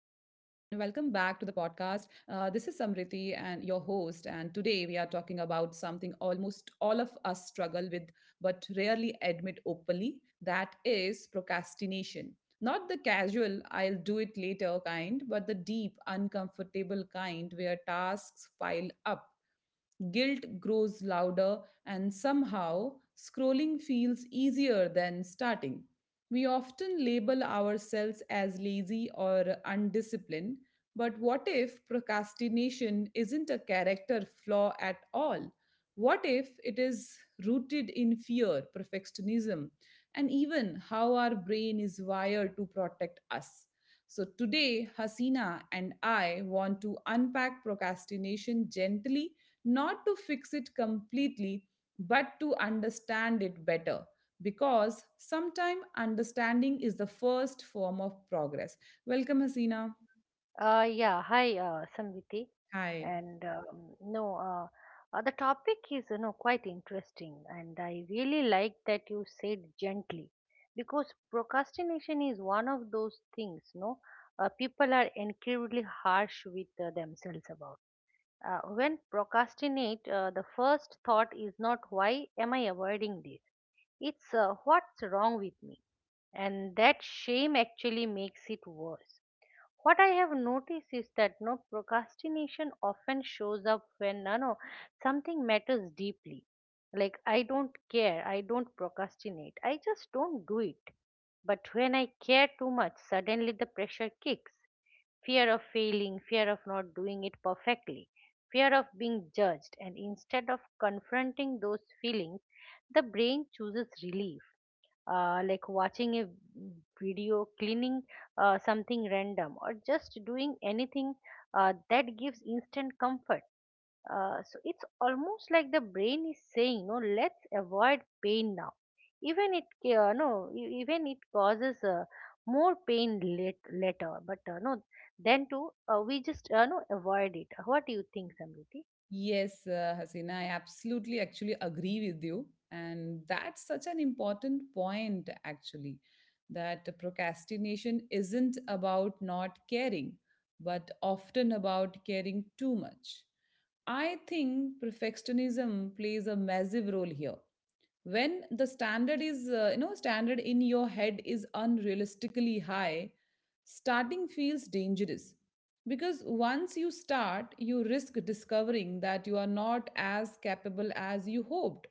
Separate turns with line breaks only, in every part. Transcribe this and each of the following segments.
Samriti and your host, and today we are talking about something almost all of us struggle with but rarely admit openly. That is procrastination. Not the casual, I'll do it later kind, but the deep, uncomfortable kind where tasks pile up, guilt grows louder, and somehow scrolling feels easier than starting. We often label ourselves as lazy or undisciplined, but what if procrastination isn't a character flaw at all? What if it is rooted in fear, perfectionism, and even how our brain is wired to protect us? So, today, Hasina and I want to unpack procrastination gently, not to fix it completely, but to understand it better. Because sometimes understanding is the first form of progress. Welcome, Hasina.
Yeah, Hi, Samriti.
Hi.
And no, the topic is quite interesting, and I really like that you said gently, because procrastination is one of those things, no, people are incredibly harsh with themselves about. When procrastinate, the first thought is not why am I avoiding this? It's what's wrong with me, and that shame actually makes it worse. What I have noticed is that no procrastination often shows up when no, something matters deeply. Like I don't care, I don't procrastinate, I just don't do it. But when I care too much, suddenly the pressure kicks. Fear of failing, fear of not doing it perfectly, fear of being judged, and instead of confronting those feelings, the brain chooses relief. Like watching a video, cleaning something random, or just doing anything that gives instant comfort. So it's almost like the brain is saying, no, let's avoid pain now. Even it, ca- no, e- even it causes more pain later. But no, then too, we just no avoid it. What do you think, Samriti?
Yes, Hasina, I absolutely actually agree with you. And that's such an important point, actually, that procrastination isn't about not caring, but often about caring too much. I think perfectionism plays a massive role here. When the standard is, you know, standard in your head is unrealistically high, starting feels dangerous, because once you start, you risk discovering that you are not as capable as you hoped.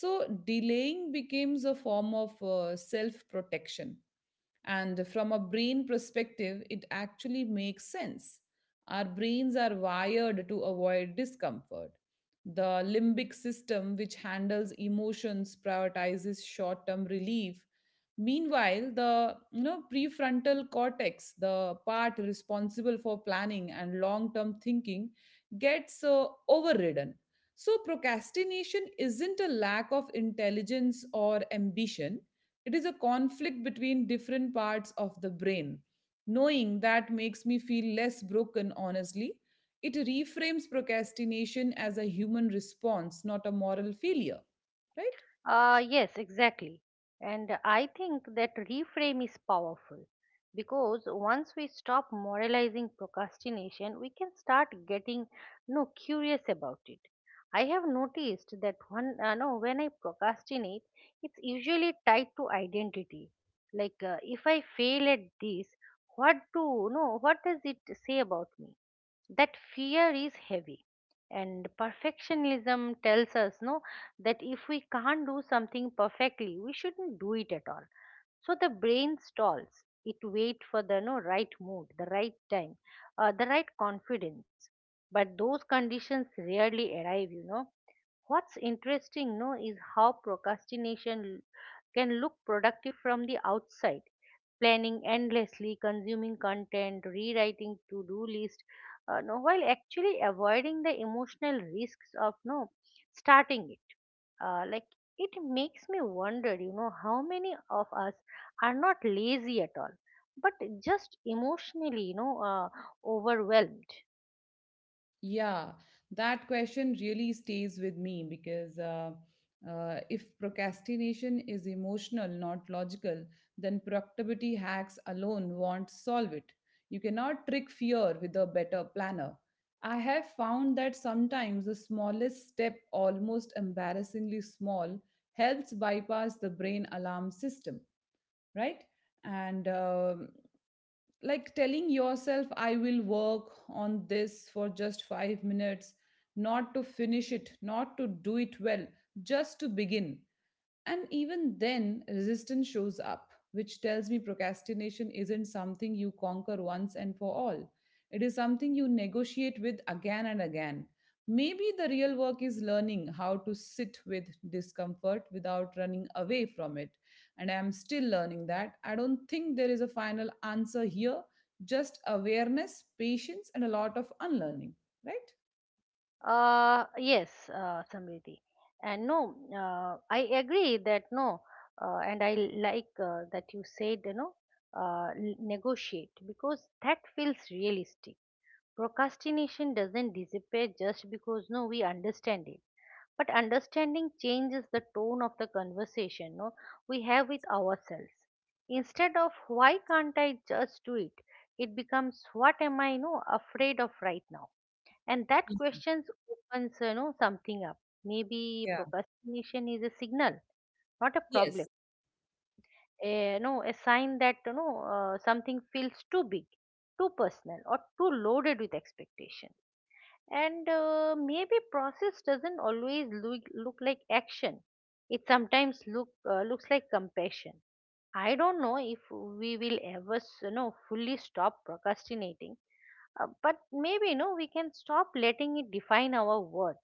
So delaying becomes a form of self protection, and from a brain perspective, it actually makes sense. Our brains are wired to avoid discomfort. The limbic system, which handles emotions, prioritizes short term relief. Meanwhile, the, you know, prefrontal cortex, the part responsible for planning and long term thinking, gets overridden. So procrastination isn't a lack of intelligence or ambition. It is a conflict between different parts of the brain. Knowing that makes me feel less broken, honestly. It reframes procrastination as a human response, not a moral failure, right?
Yes, exactly. And I think that reframe is powerful because once we stop moralizing procrastination, we can start getting no curious about it. I have noticed that one no when I procrastinate, it's usually tied to identity. Like if I fail at this, what do no what does it say about me? That fear is heavy, and perfectionism tells us no that if we can't do something perfectly, we shouldn't do it at all. So the brain stalls. It waits for the no right mood, the right time, the right confidence, but those conditions rarely arrive, you know. What's interesting, no, is how procrastination can look productive from the outside. Planning endlessly, consuming content, rewriting to-do list, no, while actually avoiding the emotional risks of no starting it. Like it makes me wonder, you know, how many of us are not lazy at all, but just emotionally, overwhelmed.
Yeah, that question really stays with me, because if procrastination is emotional, not logical, then productivity hacks alone won't solve it. You cannot trick fear with a better planner. I have found that sometimes the smallest step, almost embarrassingly small, helps bypass the brain alarm system, right? And like telling yourself I will work on this for just 5 minutes, not to finish it, not to do it well, just to begin. And even then, resistance shows up, which tells me procrastination isn't something you conquer once and for all. It is something you negotiate with again and again. Maybe the real work is learning how to sit with discomfort without running away from it. And I am still learning that. I don't think there is a final answer here, just awareness, patience, and a lot of unlearning, right?
Yes, Samriti. And I agree that no, and I like that you said, negotiate because that feels realistic. Procrastination doesn't disappear just because no, we understand it. But understanding changes the tone of the conversation no, we have with ourselves. Instead of why can't I just do it, it becomes what am I no, afraid of right now, and that questions opens you know something up. Maybe
Yeah.
procrastination is a signal, not a problem,
Yes.
a, no a sign that you know something feels too big, too personal, or too loaded with expectation. And maybe process doesn't always look like action. It sometimes looks like compassion. I don't know if we will ever you know fully stop procrastinating, but maybe no, we can stop letting it define our worth.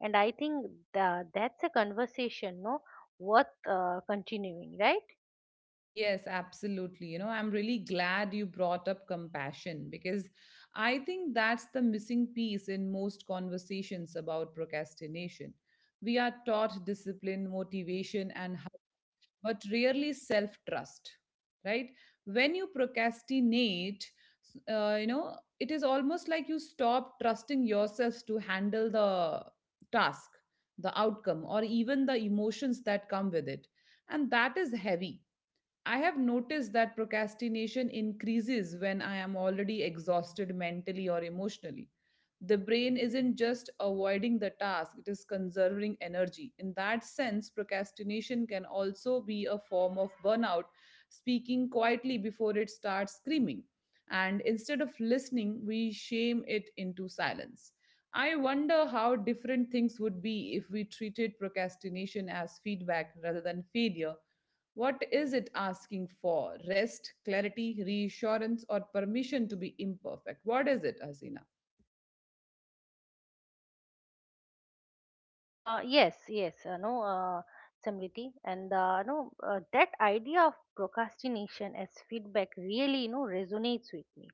And I think that's a conversation, no, worth continuing, right?
Yes, absolutely. You know, I'm really glad you brought up compassion, because I think that's the missing piece in most conversations about procrastination. We are taught discipline, motivation, and how, but rarely self trust, right? When you procrastinate, you know, it is almost like you stop trusting yourself to handle the task, the outcome, or even the emotions that come with it. And that is heavy. I have noticed that procrastination increases when I am already exhausted mentally or emotionally. The brain isn't just avoiding the task, it is conserving energy. In that sense, procrastination can also be a form of burnout, speaking quietly before it starts screaming. And instead of listening, we shame it into silence. I wonder how different things would be if we treated procrastination as feedback rather than failure. What is it asking for? Rest, clarity, reassurance, or permission to be imperfect? What is it, Hasina?
Yes, Samriti, and no, that idea of procrastination as feedback really, you know, resonates with me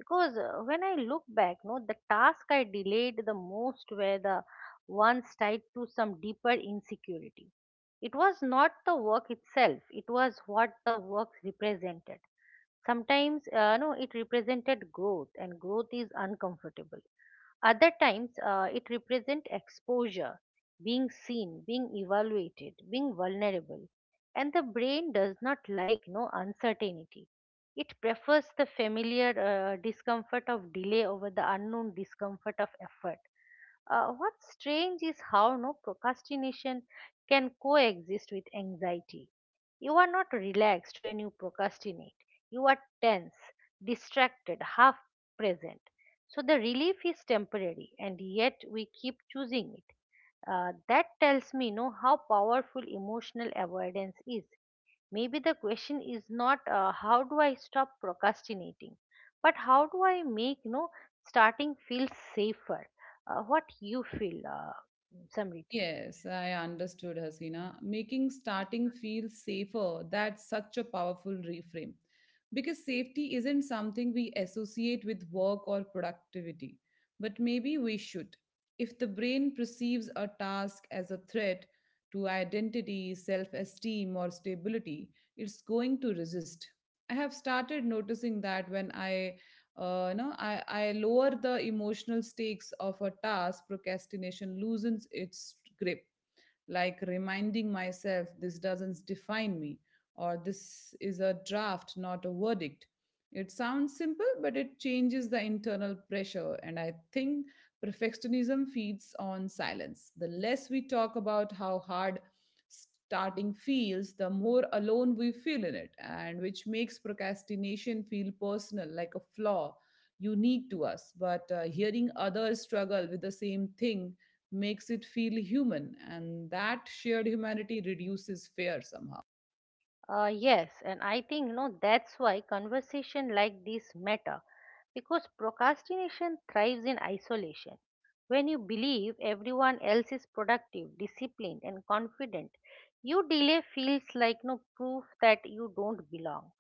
because when I look back no the task I delayed the most were the ones tied to some deeper insecurity. It was not the work itself, it was what the work represented. Sometimes, no, it represented growth, and growth is uncomfortable. Other times, it represent exposure, being seen, being evaluated, being vulnerable. And the brain does not like no uncertainty. It prefers the familiar discomfort of delay over the unknown discomfort of effort. What's strange is how no procrastination can coexist with anxiety. You are not relaxed when you procrastinate, you are tense, distracted, half present. So the relief is temporary, and yet we keep choosing it. That tells me, no, how powerful emotional avoidance is. Maybe the question is not how do I stop procrastinating, but how do I make no starting feel safer? What you feel, Samriti?
Yes, I understood, Hasina. Making starting feel safer, that's such a powerful reframe. Because safety isn't something we associate with work or productivity, but maybe we should. If the brain perceives a task as a threat to identity, self esteem, or stability, it's going to resist. I have started noticing that when I, you know, I lower the emotional stakes of a task, procrastination loosens its grip, like reminding myself this doesn't define me, or this is a draft, not a verdict. It sounds simple, but it changes the internal pressure. And I think perfectionism feeds on silence. The less we talk about how hard starting feels, the more alone we feel in it, and which makes procrastination feel personal, like a flaw unique to us. But hearing others struggle with the same thing makes it feel human, and that shared humanity reduces fear somehow.
Yes, and I think no, that's why conversation like this matter. Because procrastination thrives in isolation. When you believe everyone else is productive, disciplined, and confident, you delay feels like no proof that you don't belong.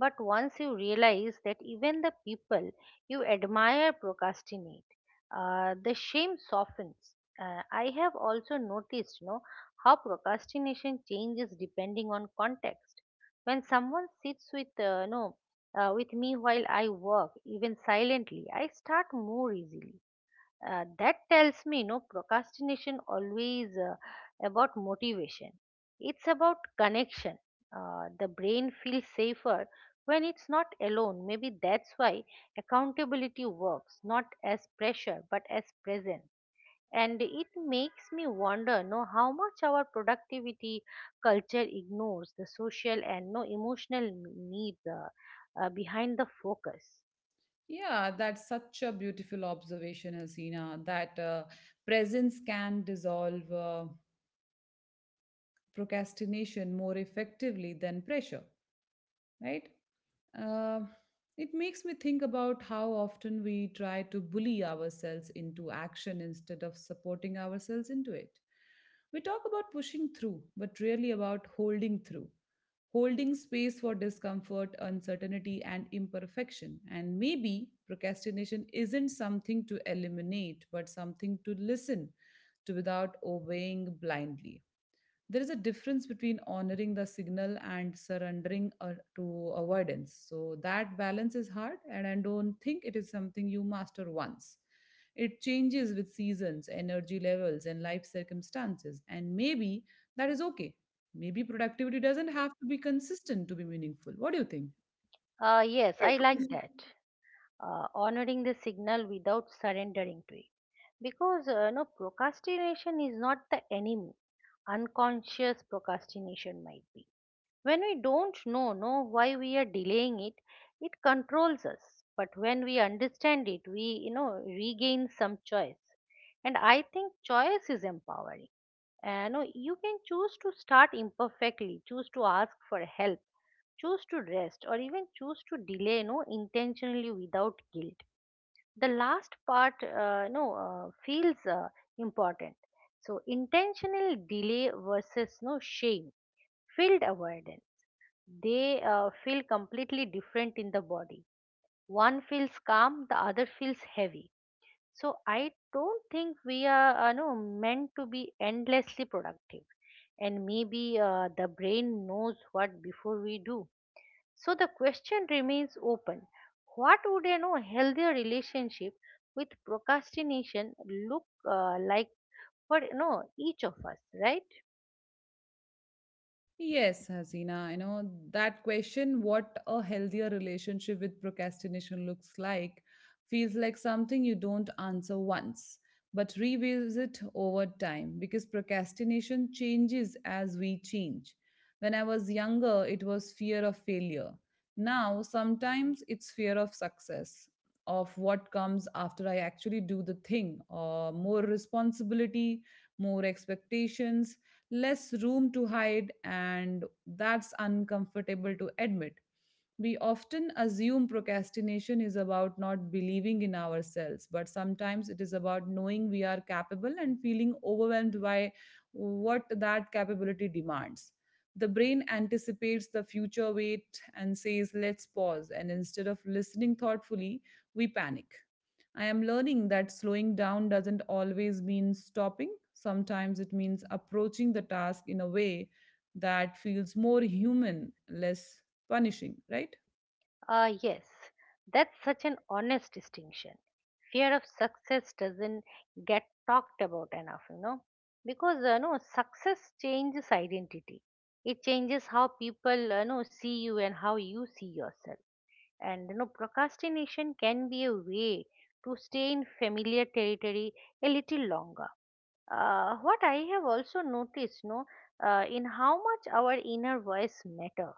But once you realize that even the people you admire procrastinate, the shame softens. I have also noticed, you know, how procrastination changes depending on context. When someone sits with, with me while I work, even silently, I start more easily. That tells me, no, procrastination always about motivation. It's about connection. The brain feels safer when it's not alone. Maybe that's why accountability works, not as pressure, but as presence. And it makes me wonder, no, how much our productivity culture ignores the social and no emotional needs behind the focus.
Yeah, that's such a beautiful observation, Hasina, that presence can dissolve procrastination more effectively than pressure, right? Uh, it makes me think about how often we try to bully ourselves into action instead of supporting ourselves into it. We talk about pushing through, but really about holding through, holding space for discomfort, uncertainty, and imperfection. And maybe procrastination isn't something to eliminate, but something to listen to without obeying blindly. There is a difference between honoring the signal and surrendering to avoidance. So that balance is hard, and I don't think it is something you master once. It changes with seasons, energy levels, and life circumstances, and maybe that is okay. Maybe productivity doesn't have to be consistent to be meaningful. What do you think?
Yes, I like that. Honoring the signal without surrendering to it. Because no procrastination is not the enemy, unconscious procrastination might be. When we don't know why we are delaying it, it controls us. But when we understand it, we you know regain some choice. And I think choice is empowering. And you can choose to start imperfectly, choose to ask for help, choose to rest, or even choose to delay no intentionally without guilt. The last part no feels important. So intentional delay versus no shame field avoidance, they feel completely different in the body. One feels calm, the other feels heavy. So I don't think we are no meant to be endlessly productive, and maybe the brain knows what before we do. So the question remains open, what would a no healthier relationship with procrastination look like for no each of us, right?
Yes, Hasina, I know that question, what a healthier relationship with procrastination looks like, feels like something you don't answer once, but revisit over time, because procrastination changes as we change. When I was younger, it was fear of failure. Now, sometimes it's fear of success, of what comes after I actually do the thing, or more responsibility, more expectations, less room to hide, and that's uncomfortable to admit. We often assume procrastination is about not believing in ourselves, but sometimes it is about knowing we are capable and feeling overwhelmed by what that capability demands. The brain anticipates the future weight and says, let's pause. And instead of listening thoughtfully, we panic. I am learning that slowing down doesn't always mean stopping. Sometimes it means approaching the task in a way that feels more human, less punishing, right?
Yes, that's such an honest distinction. Fear of success doesn't get talked about enough, you know, because you know success changes identity. It changes how people you know see you and how you see yourself. And you know procrastination can be a way to stay in familiar territory a little longer. What I have also noticed no in how much our inner voice matter.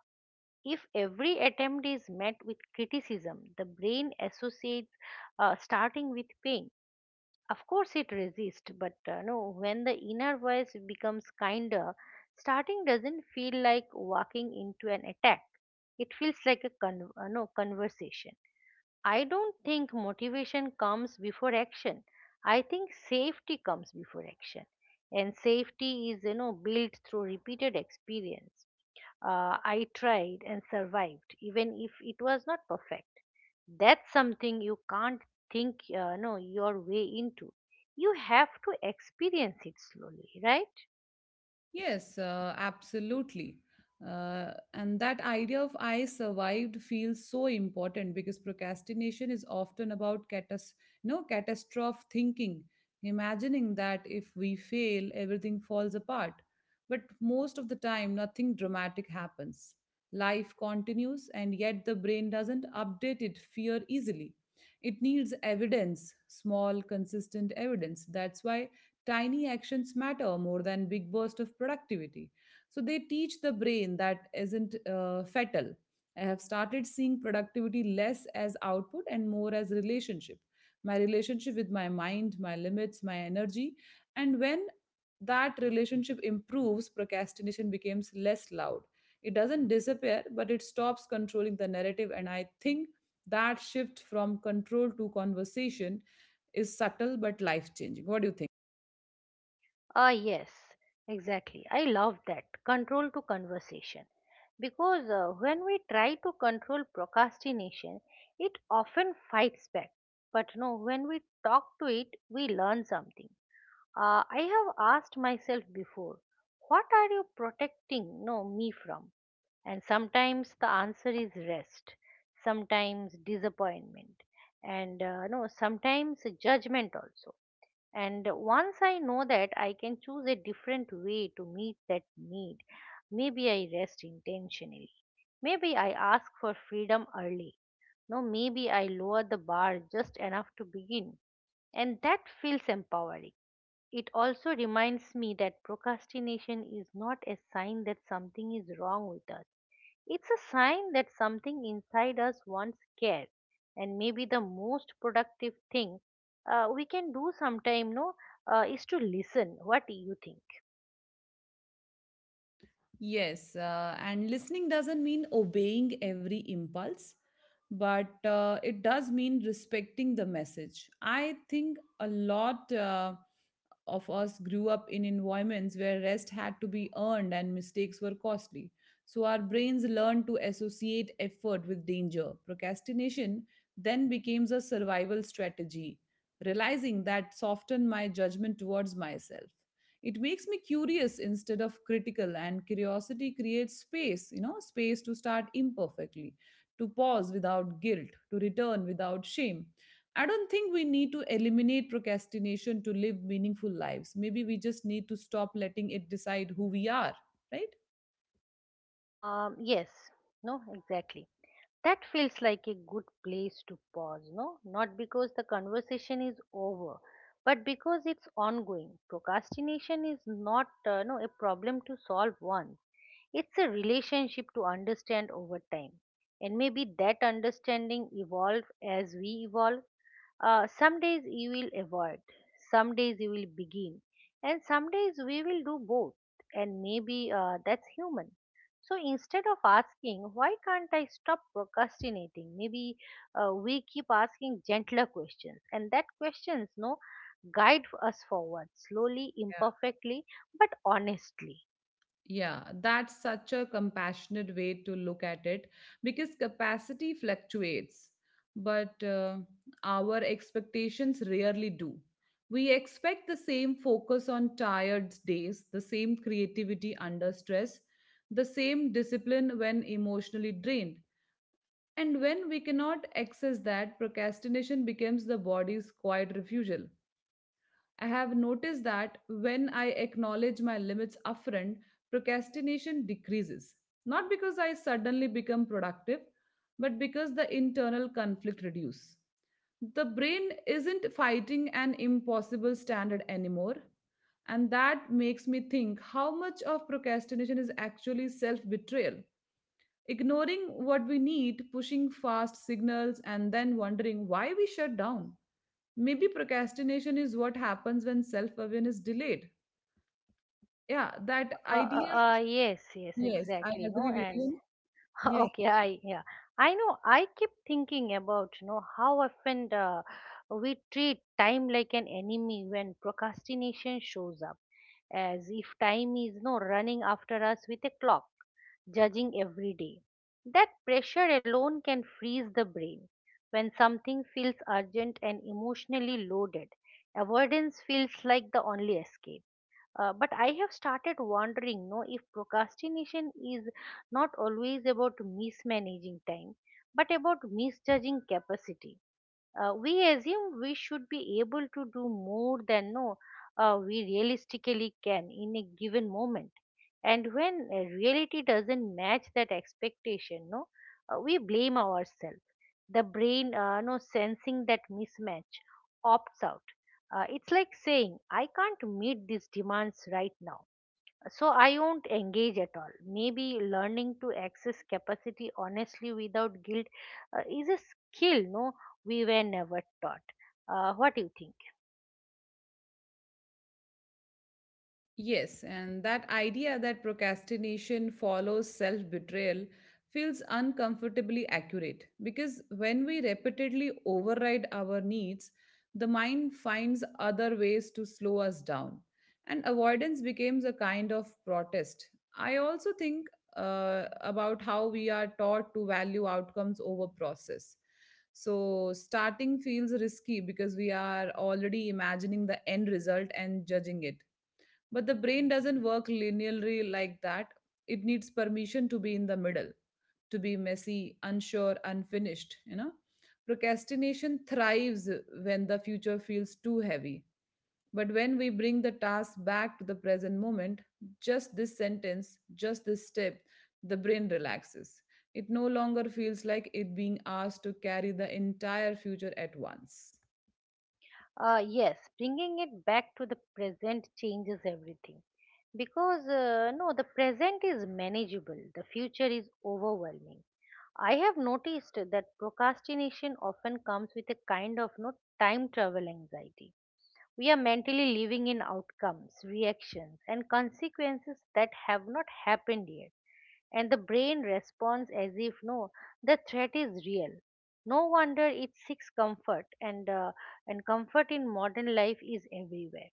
If every attempt is met with criticism, the brain associates starting with pain. Of course it resists, but no, when the inner voice becomes kinder, starting doesn't feel like walking into an attack. It feels like a conversation. I don't think motivation comes before action. I think safety comes before action. And safety is, you know, built through repeated experience. I tried and survived, even if it was not perfect. That's something you can't think, no, your way into. You have to experience it slowly, right?
Yes, absolutely. And that idea of I survived feels so important, because procrastination is often about catas-, you know, catastrophe thinking, imagining that if we fail, everything falls apart. But most of the time, nothing dramatic happens. Life continues, and yet the brain doesn't update its fear easily. It needs evidence, small, consistent evidence. That's why tiny actions matter more than big burst of productivity, so they teach the brain that isn't fatal. I have started seeing productivity less as output and more as relationship, my relationship with my mind, my limits, my energy. And when that relationship improves, procrastination becomes less loud. It doesn't disappear, but it stops controlling the narrative. And I think that shift from control to conversation is subtle but life changing. What do you think?
Ah, yes, exactly. I love that control to conversation because when we try to control procrastination, it often fights back. But no, when we talk to it, we learn something. I have asked myself before, what are you protecting no me from? And sometimes the answer is rest, sometimes disappointment, and no, sometimes judgment also. And once I know that, I can choose a different way to meet that need. Maybe I rest intentionally. Maybe I ask for freedom early. No, maybe I lower the bar just enough to begin. And that feels empowering. It also reminds me that procrastination is not a sign that something is wrong with us, it's a sign that something inside us wants care, and maybe the most productive thing we can do sometime, no, is to listen. What do you think?
Yes, and listening doesn't mean obeying every impulse, but it does mean respecting the message. I think a lot of us grew up in environments where rest had to be earned and mistakes were costly. So our brains learned to associate effort with danger. Procrastination then becomes a survival strategy. Realizing that softened my judgment towards myself. It makes me curious instead of critical, and curiosity creates space, you know, space to start imperfectly, to pause without guilt, to return without shame. I don't think we need to eliminate procrastination to live meaningful lives. Maybe we just need to stop letting it decide who we are, right?
Yes, no, exactly. That feels like a good place to pause, no? Not because the conversation is over, but because it's ongoing. Procrastination is not, no, a problem to solve once. It's a relationship to understand over time. And maybe that understanding evolve as we evolve. Some days you will avoid, some days you will begin, and some days we will do both. And maybe that's human. So instead of asking, why can't I stop procrastinating? Maybe we keep asking gentler questions, and that questions no guide us forward slowly, imperfectly, but honestly.
Yeah, that's such a compassionate way to look at it, because capacity fluctuates, but our expectations rarely do. We expect the same focus on tired days, the same creativity under stress, the same discipline when emotionally drained. And when we cannot access that, procrastination becomes the body's quiet refusal. I have noticed that when I acknowledge my limits upfront, procrastination decreases. Not because I suddenly become productive, but because the internal conflict reduces. The brain isn't fighting an impossible standard anymore, and that makes me think how much of procrastination is actually self betrayal. Ignoring what we need, pushing fast signals, and then wondering why we shut down. Maybe procrastination is what happens when self awareness delayed. Yeah, that
Uh,
idea.
uh, yes, yes,
Yes, I
exactly. No,
agree with
and
you. Yeah.
okay, I yeah, I know. I keep thinking about you know how often we treat time like an enemy when procrastination shows up, as if time is no running after us with a clock, judging every day. That pressure alone can freeze the brain. When something feels urgent and emotionally loaded, avoidance feels like the only escape but I have started wondering, no, if procrastination is not always about mismanaging time, but about misjudging capacity. We assume we should be able to do more than no we realistically can in a given moment, and when reality doesn't match that expectation no we blame ourselves. The brain, no, sensing that mismatch, opts out. It's like saying, I can't meet these demands right now, so I won't engage at all. Maybe learning to access capacity honestly without guilt is a skill, no, we were never taught. What do you think?
Yes, and that idea that procrastination follows self betrayal feels uncomfortably accurate, because when we repeatedly override our needs, the mind finds other ways to slow us down, and avoidance becomes a kind of protest. I also think about how we are taught to value outcomes over process. So, starting feels risky because we are already imagining the end result and judging it, but the brain doesn't work linearly like that. It needs permission to be in the middle, to be messy, unsure, unfinished, you know. Procrastination thrives when the future feels too heavy. But when we bring the task back to the present moment, just this sentence, just this step, the brain relaxes. It no longer feels like it being asked to carry the entire future at once.
Yes, bringing it back to the present changes everything. Because, no, the present is manageable, the future is overwhelming. I have noticed that procrastination often comes with a kind of no time travel anxiety. We are mentally living in outcomes, reactions, and consequences that have not happened yet. And the brain responds as if, no, the threat is real. No wonder it seeks comfort, and comfort in modern life is everywhere.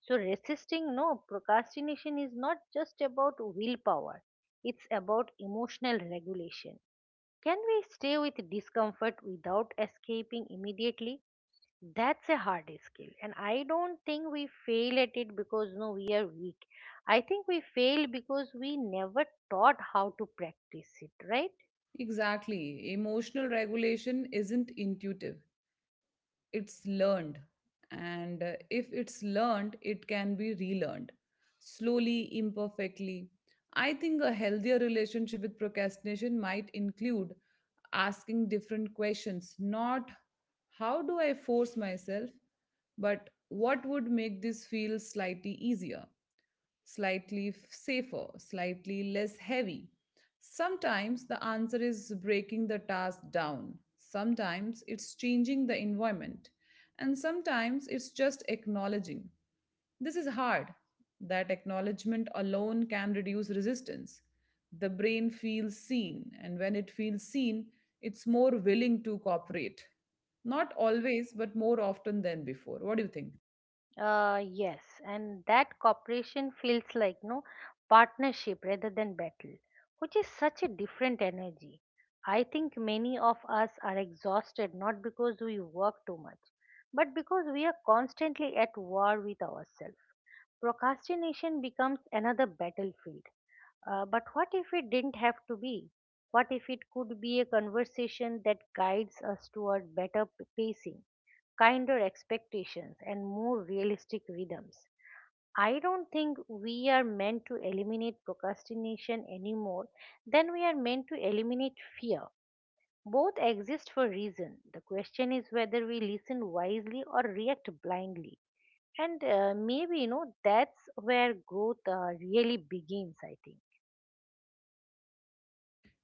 So, resisting no procrastination is not just about willpower, it's about emotional regulation. Can we stay with discomfort without escaping immediately? That's a hard skill, and I don't think we fail at it because, no, we are weak. I think we fail because we never taught how to practice it, right?
Exactly. Emotional regulation isn't intuitive. It's learned, and if it's learned it can be relearned, slowly, imperfectly. I think a healthier relationship with procrastination might include asking different questions. Not how do I force myself, but what would make this feel slightly easier, slightly safer, slightly less heavy. Sometimes the answer is breaking the task down, sometimes it's changing the environment, and sometimes it's just acknowledging. This is hard. That acknowledgement alone can reduce resistance. The brain feels seen, and when it feels seen, it's more willing to cooperate. Not always, but more often than before. What do you think?
Yes, and that cooperation feels like no partnership rather than battle, which is such a different energy. I think many of us are exhausted not because we work too much, but because we are constantly at war with ourselves. Procrastination becomes another battlefield. But what if it didn't have to be? What if it could be a conversation that guides us toward better pacing, kinder expectations, and more realistic rhythms? I don't think we are meant to eliminate procrastination any more than we are meant to eliminate fear. Both exist for a reason. The question is whether we listen wisely or react blindly. And maybe you know that's where growth really begins, I think.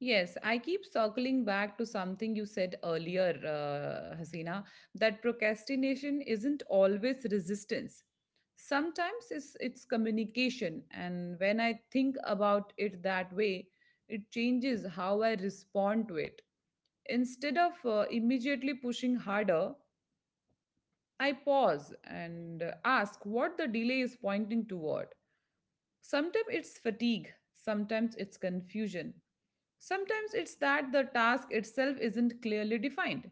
Yes, I keep circling back to something you said earlier, Hasina, that procrastination isn't always resistance. Sometimes it's communication, and when I think about it that way, it changes how I respond to it. Instead of immediately pushing harder, I pause and ask what the delay is pointing toward. Sometimes it's fatigue, sometimes it's confusion. Sometimes it's that the task itself isn't clearly defined.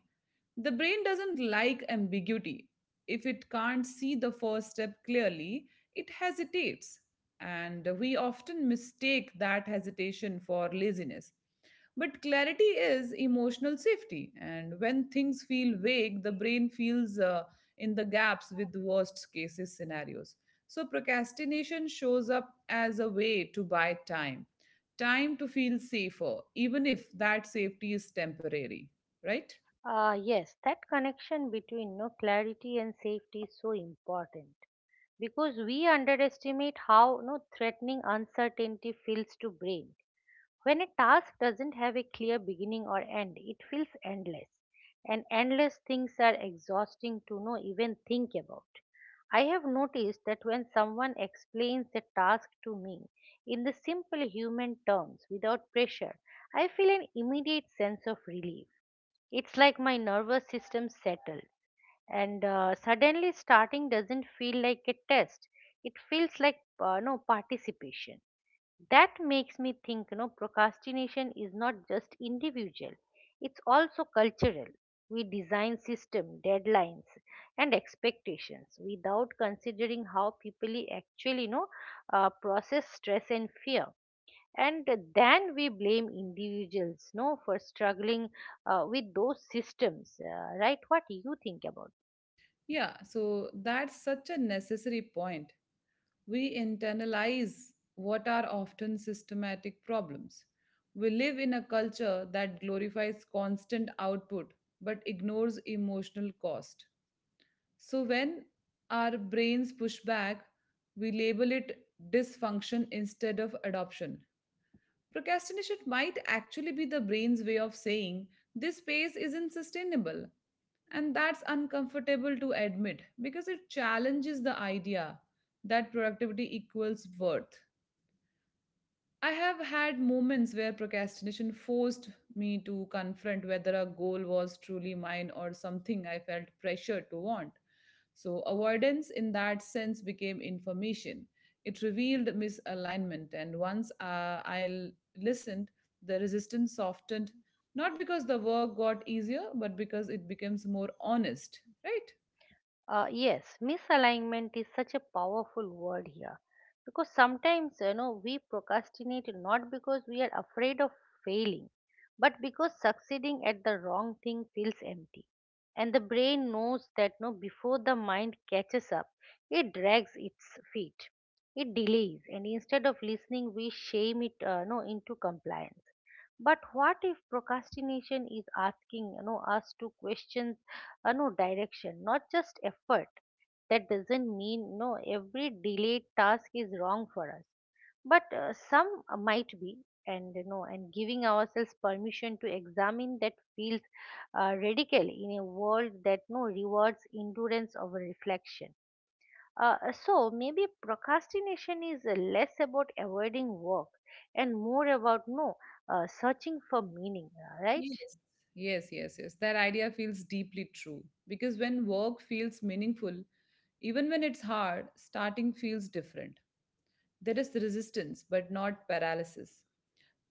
The brain doesn't like ambiguity. If it can't see the first step clearly, it hesitates. And we often mistake that hesitation for laziness. But clarity is emotional safety. And when things feel vague, the brain feels in the gaps with worst cases scenarios. So procrastination shows up as a way to buy time, time to feel safer, even if that safety is temporary, right?
Yes, that connection between, you know, clarity and safety is so important, because we underestimate how, you know, threatening uncertainty feels to brain. When a task doesn't have a clear beginning or end, it feels endless, and endless things are exhausting to know even think about. I have noticed that when someone explains a task to me in the simple human terms without pressure, I feel an immediate sense of relief. It's like my nervous system settled, and suddenly starting doesn't feel like a test. It feels like, no, participation. That makes me think, you know, procrastination is not just individual, it's also cultural. We design system deadlines and expectations without considering how people actually, you know, process stress and fear, and then we blame individuals, no, for struggling with those systems. Right? What do you think about?
Yeah, so that's such a necessary point. We internalize what are often systematic problems. We live in a culture that glorifies constant output but ignores emotional cost. So when our brains push back, we label it dysfunction instead of adoption. Procrastination might actually be the brain's way of saying this pace isn't sustainable. And that's uncomfortable to admit because it challenges the idea that productivity equals worth. I have had moments where procrastination forced me to confront whether a goal was truly mine or something I felt pressure to want. So avoidance in that sense became information. It revealed misalignment, and once listened, the resistance softened, not because the work got easier, but because it becomes more honest, right?
Yes, misalignment is such a powerful word here, because sometimes, you know, we procrastinate not because we are afraid of failing, but because succeeding at the wrong thing feels empty, and the brain knows that no before the mind catches up. It drags its feet, it delays, and instead of listening, we shame it, no, into compliance. But what if procrastination is asking, you know, us to question, you know, direction, not just effort? That doesn't mean no every delayed task is wrong for us, but some might be. And, you know, and giving ourselves permission to examine that feels radical in a world that no rewards endurance over reflection. So maybe procrastination is less about avoiding work and more about no searching for meaning, right?
Yes, yes, yes, yes. That idea feels deeply true because when work feels meaningful, even when it's hard, starting feels different. There is resistance, but not paralysis.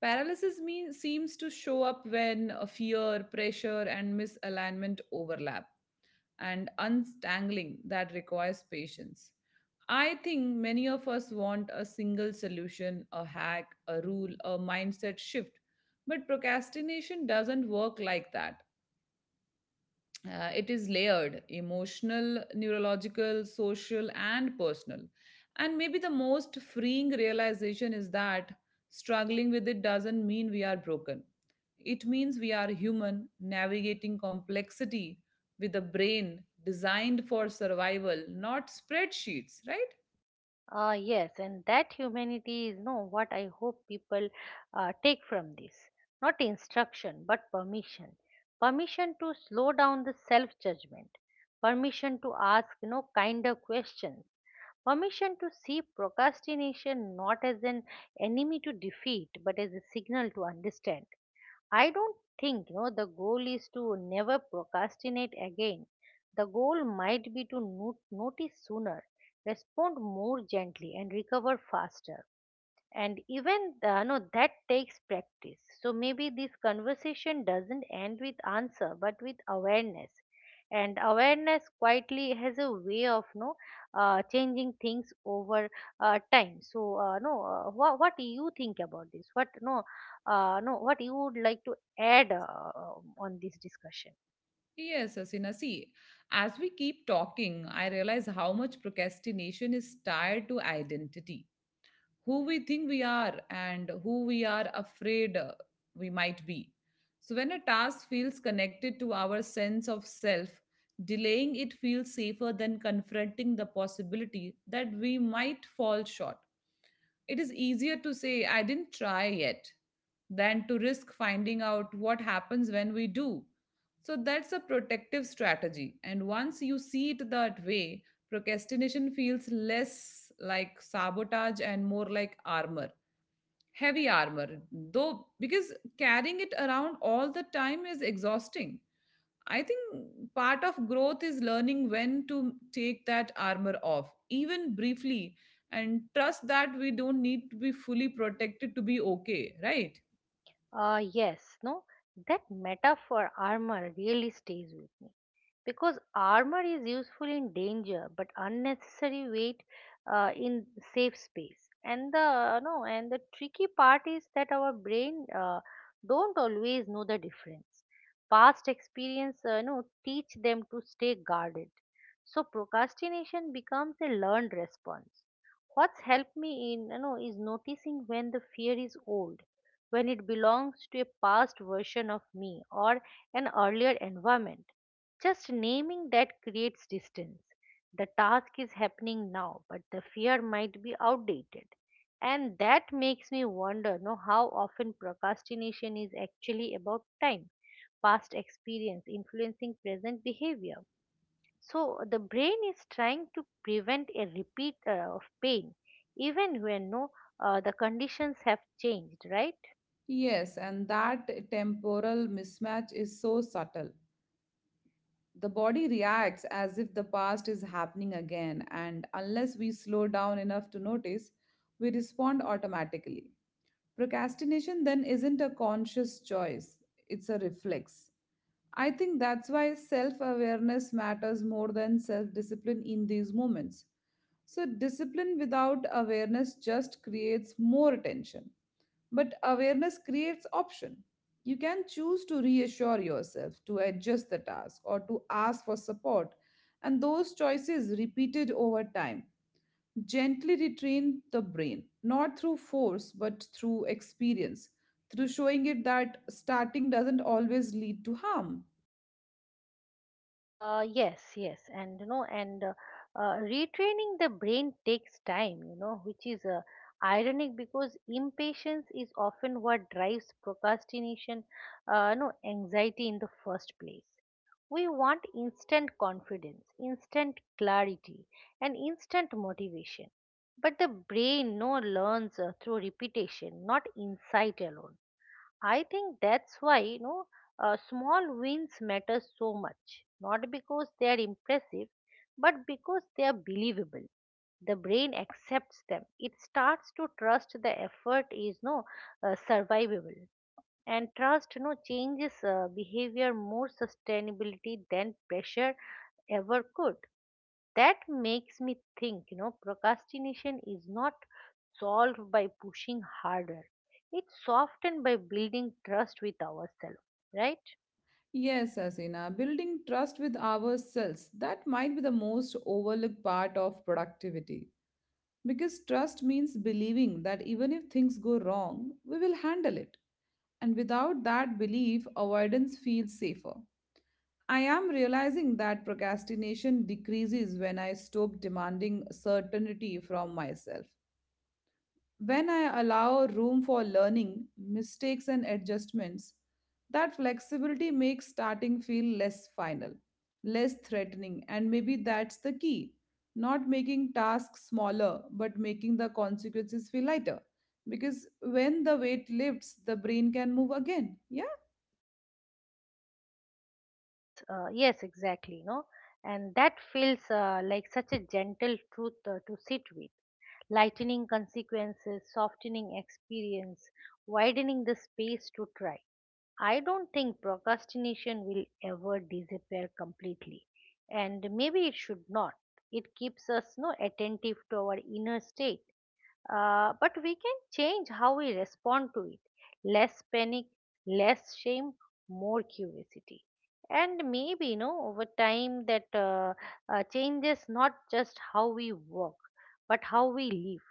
Paralysis seems to show up when a fear, pressure, and misalignment overlap, and untangling that requires patience. I think many of us want a single solution, a hack, a rule, a mindset shift, but procrastination doesn't work like that. It is layered: emotional, neurological, social, and personal. And maybe the most freeing realization is that struggling with it doesn't mean we are broken. It means we are human, navigating complexity with a brain designed for survival, not spreadsheets, right?
Ah, yes, and that humanity is no what I hope people take from this. Not instruction, but permission. Permission to slow down the self judgment. Permission to ask no kinder questions. Permission to see procrastination not as an enemy to defeat, but as a signal to understand. I don't think, you know, the goal is to never procrastinate again. The goal might be to notice sooner, respond more gently, and recover faster. And even, no, that takes practice. So maybe this conversation doesn't end with answer, but with awareness. And awareness quietly has a way of no changing things over time. So, no, wha- what do you think about this? What no, no, what you would like to add on this discussion?
Yes, Asina. See, as we keep talking, I realize how much procrastination is tied to identity, who we think we are and who we are afraid we might be. So when a task feels connected to our sense of self, delaying it feels safer than confronting the possibility that we might fall short. It is easier to say, "I didn't try yet," than to risk finding out what happens when we do. So that's a protective strategy. And once you see it that way, procrastination feels less like sabotage and more like armor, heavy armor. Though, because carrying it around all the time is exhausting. I think part of growth is learning when to take that armor off, even briefly, and trust that we don't need to be fully protected to be okay, right?
Yes, no, that metaphor armor really stays with me, because armor is useful in danger but unnecessary weight in safe space. And the no and the tricky part is that our brain, don't always know the difference. Past experience, no, teach them to stay guarded, so procrastination becomes a learned response. What's helped me in, you know, is noticing when the fear is old, when it belongs to a past version of me or an earlier environment. Just naming that creates distance. The task is happening now, but the fear might be outdated. And that makes me wonder, no, how often procrastination is actually about time, past experience influencing present behavior. So the brain is trying to prevent a repeat of pain, even when, no, the conditions have changed, right?
Yes, and that temporal mismatch is so subtle. The body reacts as if the past is happening again, and unless we slow down enough to notice, we respond automatically. Procrastination then isn't a conscious choice, it's a reflex. I think that's why self awareness matters more than self discipline in these moments. So discipline without awareness just creates more tension. But awareness creates option. You can choose to reassure yourself, to adjust the task, or to ask for support. And those choices, repeated over time, gently retrain the brain, not through force, but through experience, through showing it that starting doesn't always lead to harm.
Yes, yes, and, you know, and retraining the brain takes time, you know, which is ironic, because impatience is often what drives procrastination, no, anxiety in the first place. We want instant confidence, instant clarity, and instant motivation. But the brain no learns through repetition, not insight alone. I think that's why, you know, small wins matter so much, not because they are impressive, but because they are believable. The brain accepts them. It starts to trust the effort is no survivable, and trust no changes behavior more sustainability than pressure ever could. That makes me think, you know, procrastination is not solved by pushing harder, it's softened by building trust with ourselves, right?
Yes, Asina, building trust with ourselves, that might be the most overlooked part of productivity. Because trust means believing that even if things go wrong, we will handle it. And without that belief, avoidance feels safer. I am realizing that procrastination decreases when I stop demanding certainty from myself. When I allow room for learning, mistakes, and adjustments, that flexibility makes starting feel less final, less threatening, and maybe that's the key. Not making tasks smaller, but making the consequences feel lighter. Because when the weight lifts, the brain can move again. Yeah.
Yes, exactly, you know, and that feels like such a gentle truth to sit with. Lightening consequences, softening experience, widening the space to try. I don't think procrastination will ever disappear completely, and maybe it should not. It keeps us no attentive to our inner state, but we can change how we respond to it. Less panic, less shame, more curiosity, and maybe, you know, over time that, changes not just how we work, but how we live.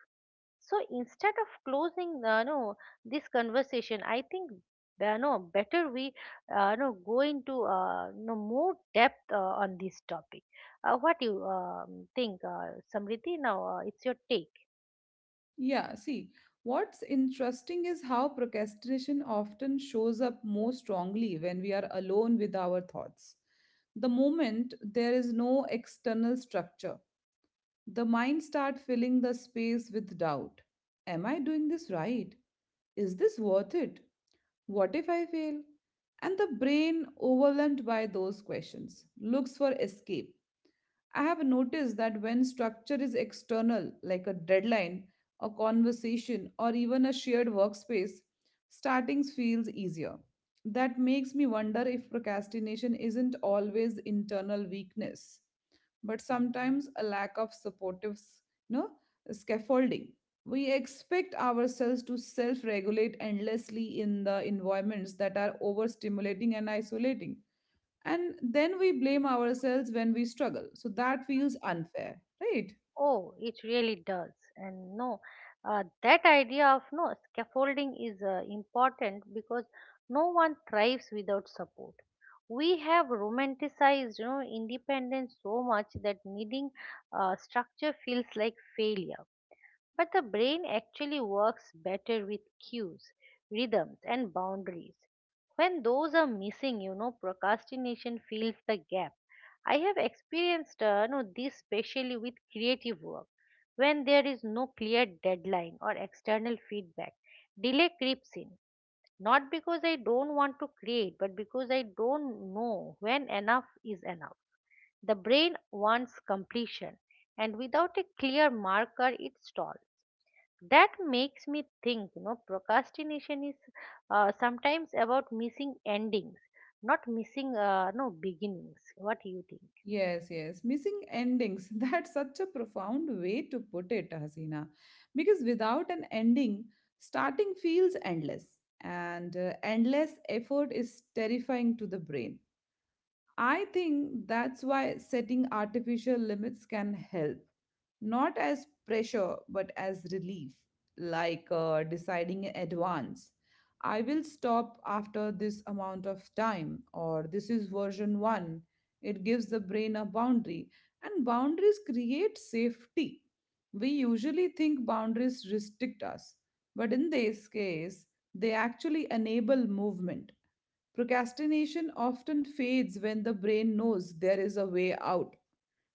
So instead of closing, no, this conversation, I think no better we no go into no more depth on this topic. What you think, Samriti? Now it's your take.
Yeah, see, what's interesting is how procrastination often shows up more strongly when we are alone with our thoughts. The moment there is no external structure, the mind starts filling the space with doubt. Am I doing this right? Is this worth it? What if I fail? And the brain, overwhelmed by those questions, looks for escape. I have noticed that when structure is external, like a deadline, a conversation, or even a shared workspace, starting feels easier. That makes me wonder if procrastination isn't always internal weakness, but sometimes a lack of supportive s- no, scaffolding. We expect ourselves to self regulate endlessly in the environments that are overstimulating and isolating, and then we blame ourselves when we struggle. So that feels unfair, right?
Oh, it really does. And no, that idea of no scaffolding is important, because no one thrives without support. We have romanticized, you know, independence so much that needing structure feels like failure. But the brain actually works better with cues, rhythms and boundaries. When those are missing, you know, procrastination fills the gap. I have experienced, you know, this especially with creative work. When there is no clear deadline or external feedback, delay creeps in, not because I don't want to create, but because I don't know when enough is enough. The brain wants completion, and without a clear marker, it stalls. That makes me think, you know, procrastination is sometimes about missing endings, not missing, no, beginnings. What do you think?
Yes, yes. Missing endings. That's such a profound way to put it, Hasina. Because without an ending, starting feels endless. And endless effort is terrifying to the brain. I think that's why setting artificial limits can help, not as pressure, but as relief, like deciding in advance. I will stop after this amount of time, or this is version one. It gives the brain a boundary, and boundaries create safety. We usually think boundaries restrict us, but in this case, they actually enable movement. Procrastination often fades when the brain knows there is a way out,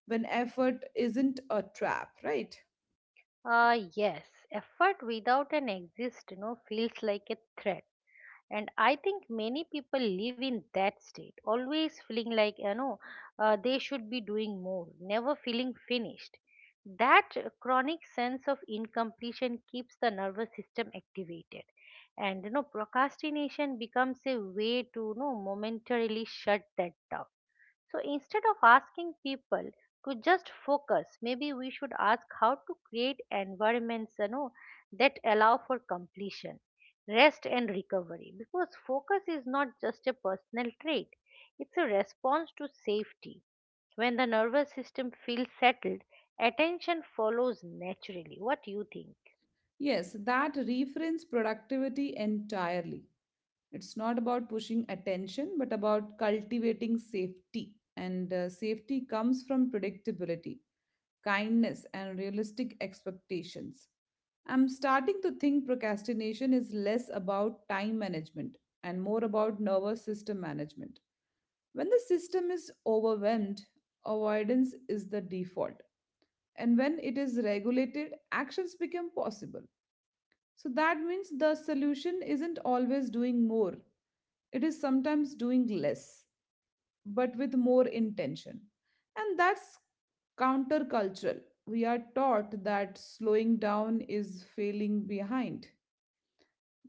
when effort isn't a trap, right?
Yes, effort without an exist, you know, feels like a threat. And I think many people live in that state, always feeling like, you know, they should be doing more, never feeling finished. That chronic sense of incompletion keeps the nervous system activated, and, you know, procrastination becomes a way to, you know, momentarily shut that down. So instead of asking people to just focus, maybe we should ask how to create environments, you know, that allow for completion, rest, and recovery. Because focus is not just a personal trait, it's a response to safety. When the nervous system feels settled, attention follows naturally. What do you think?
Yes, that reframes productivity entirely. It's not about pushing attention, but about cultivating safety. And safety comes from predictability, kindness, and realistic expectations. I'm starting to think procrastination is less about time management and more about nervous system management. When the system is overwhelmed, avoidance is the default. And when it is regulated, actions become possible. So that means the solution isn't always doing more, it is sometimes doing less, but with more intention. And that's countercultural. We are taught that slowing down is failing behind.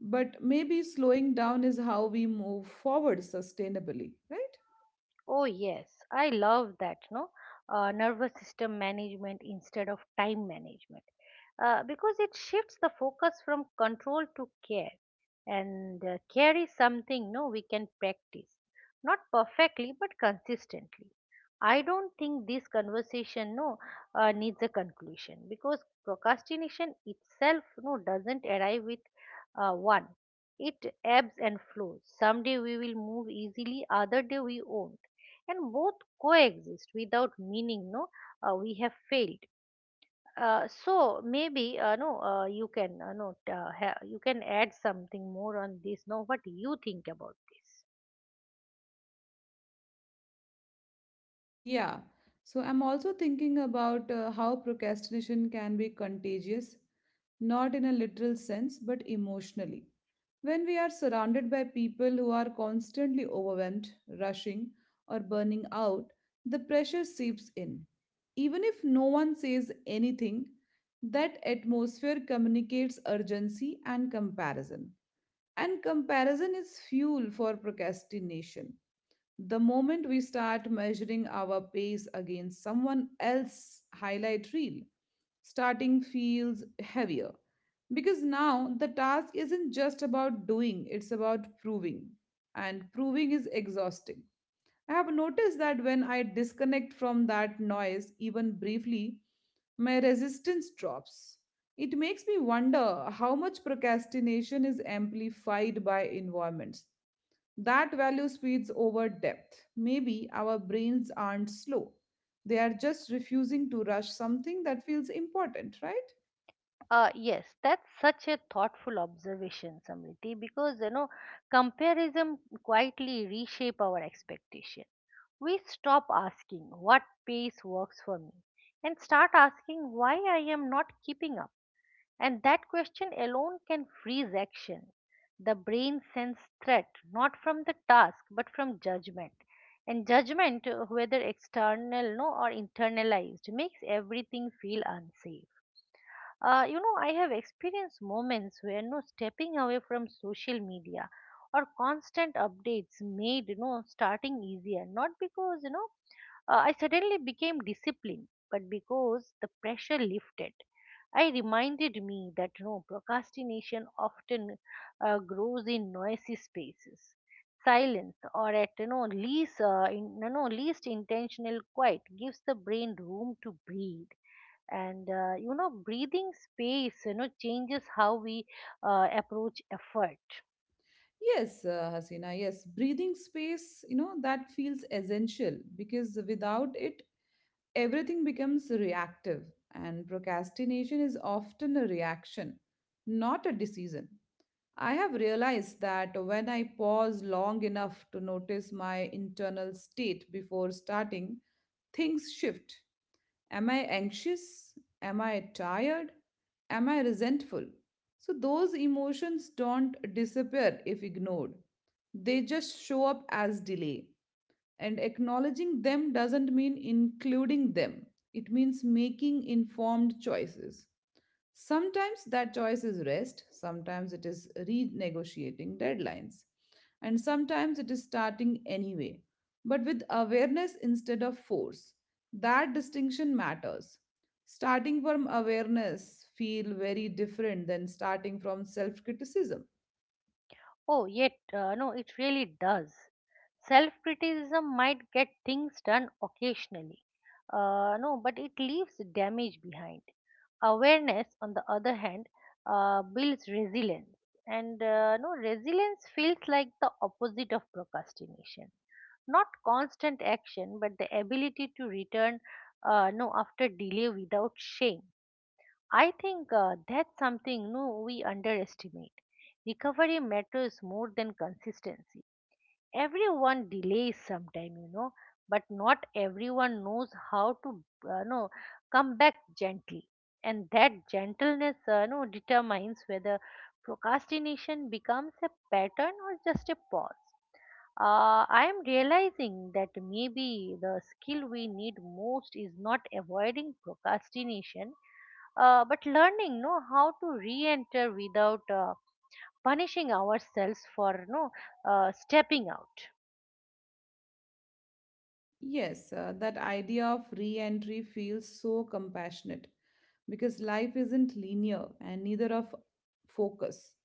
But maybe slowing down is how we move forward sustainably, right?
Oh, yes, I love that, no? Nervous system management instead of time management. Because it shifts the focus from control to care. And care is something, no, we can practice. Not perfectly, but consistently. I don't think this conversation, no, needs a conclusion, because procrastination itself, no, doesn't arrive with one. It ebbs and flows. Someday we will move easily, other day we won't, and both coexist without meaning no we have failed. So maybe, you can, no t- ha- you can add something more on this, no, what you think about this?
Yeah. So I'm also thinking about how procrastination can be contagious, not in a literal sense, but emotionally. When we are surrounded by people who are constantly overwhelmed, rushing, or burning out, the pressure seeps in. Even if no one says anything, that atmosphere communicates urgency and comparison. And comparison is fuel for procrastination. The moment we start measuring our pace against someone else's highlight reel, starting feels heavier. Because now the task isn't just about doing, it's about proving. And proving is exhausting. I have noticed that when I disconnect from that noise, even briefly, my resistance drops. It makes me wonder how much procrastination is amplified by environments that value speeds over depth. Maybe our brains aren't slow. They are just refusing to rush something that feels important, right?
Yes, that's such a thoughtful observation, Samriti, because, you know, comparison quietly reshape our expectation. We stop asking what pace works for me and start asking why I am not keeping up. And that question alone can freeze action. The brain sends threat not from the task but from judgment. And judgment, whether external, no, or internalized, makes everything feel unsafe. I have experienced moments where no stepping away from social media or constant updates made starting easier. Not because I suddenly became disciplined, but because the pressure lifted, I reminded me that no procrastination often grows in noisy spaces. Silence, or at least, in, least intentional quiet gives the brain room to breathe. And breathing space changes how we approach effort.
Yes, Hasina, yes. Breathing space, you know, that feels essential because without it, everything becomes reactive. And procrastination is often a reaction, not a decision. I have realized that when I pause long enough to notice my internal state before starting, things shift. Am I anxious? Am I tired? Am I resentful? So those emotions don't disappear if ignored. They just show up as delay. And acknowledging them doesn't mean including them, it means making informed choices. Sometimes that choice is rest, sometimes it is renegotiating deadlines, and sometimes it is starting anyway, but with awareness instead of force. That distinction matters. Starting from awareness feel very different than starting from self-criticism.
Oh, yet, no, it really does. Self criticism might get things done occasionally, no, but it leaves damage behind. Awareness, on the other hand, builds resilience, and no, resilience feels like the opposite of procrastination. Not constant action, but the ability to return no after delay without shame. I think that's something no we underestimate. Recovery matters more than consistency. Everyone delays sometime, but not everyone knows how to no come back gently. And that gentleness no determines whether procrastination becomes a pattern or just a pause. I am realizing that maybe the skill we need most is not avoiding procrastination, but learning know how to re-enter without punishing ourselves for no stepping out.
Yes, that idea of re-entry feels so compassionate because life isn't linear and neither of focus.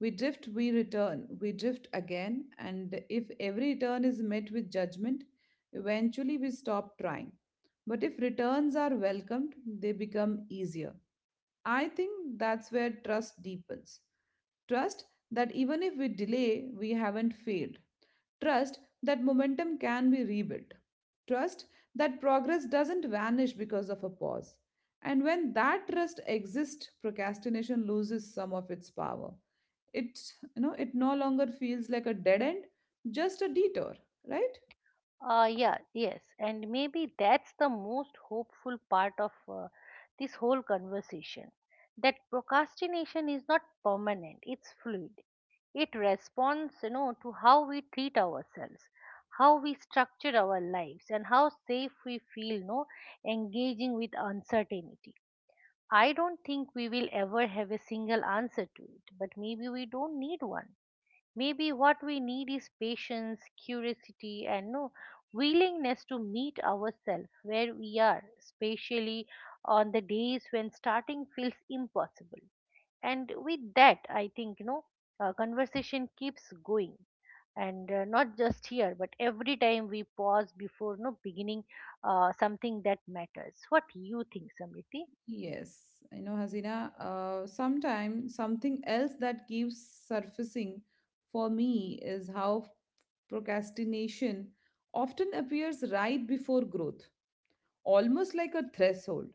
We drift, we return, we drift again, and if every return is met with judgment, eventually we stop trying. But if returns are welcomed, they become easier. I think that's where trust deepens. Trust that even if we delay, we haven't failed. Trust that momentum can be rebuilt. Trust that progress doesn't vanish because of a pause. And when that trust exists, procrastination loses some of its power. It, it no longer feels like a dead end, just a detour, right?
Yeah, yes, and maybe that's the most hopeful part of this whole conversation, that procrastination is not permanent, it's fluid. It responds, you know, to how we treat ourselves, how we structure our lives, and how safe we feel, no, engaging with uncertainty. I don't think we will ever have a single answer to it, but maybe we don't need one. Maybe what we need is patience, curiosity, and no willingness to meet ourselves where we are, especially on the days when starting feels impossible. And with that, I think conversation keeps going, and not just here, but every time we pause before no beginning something that matters. What you think, Samriti?
Yes, I know, Hasina. Sometimes something else that keeps surfacing for me is how procrastination often appears right before growth, almost like a threshold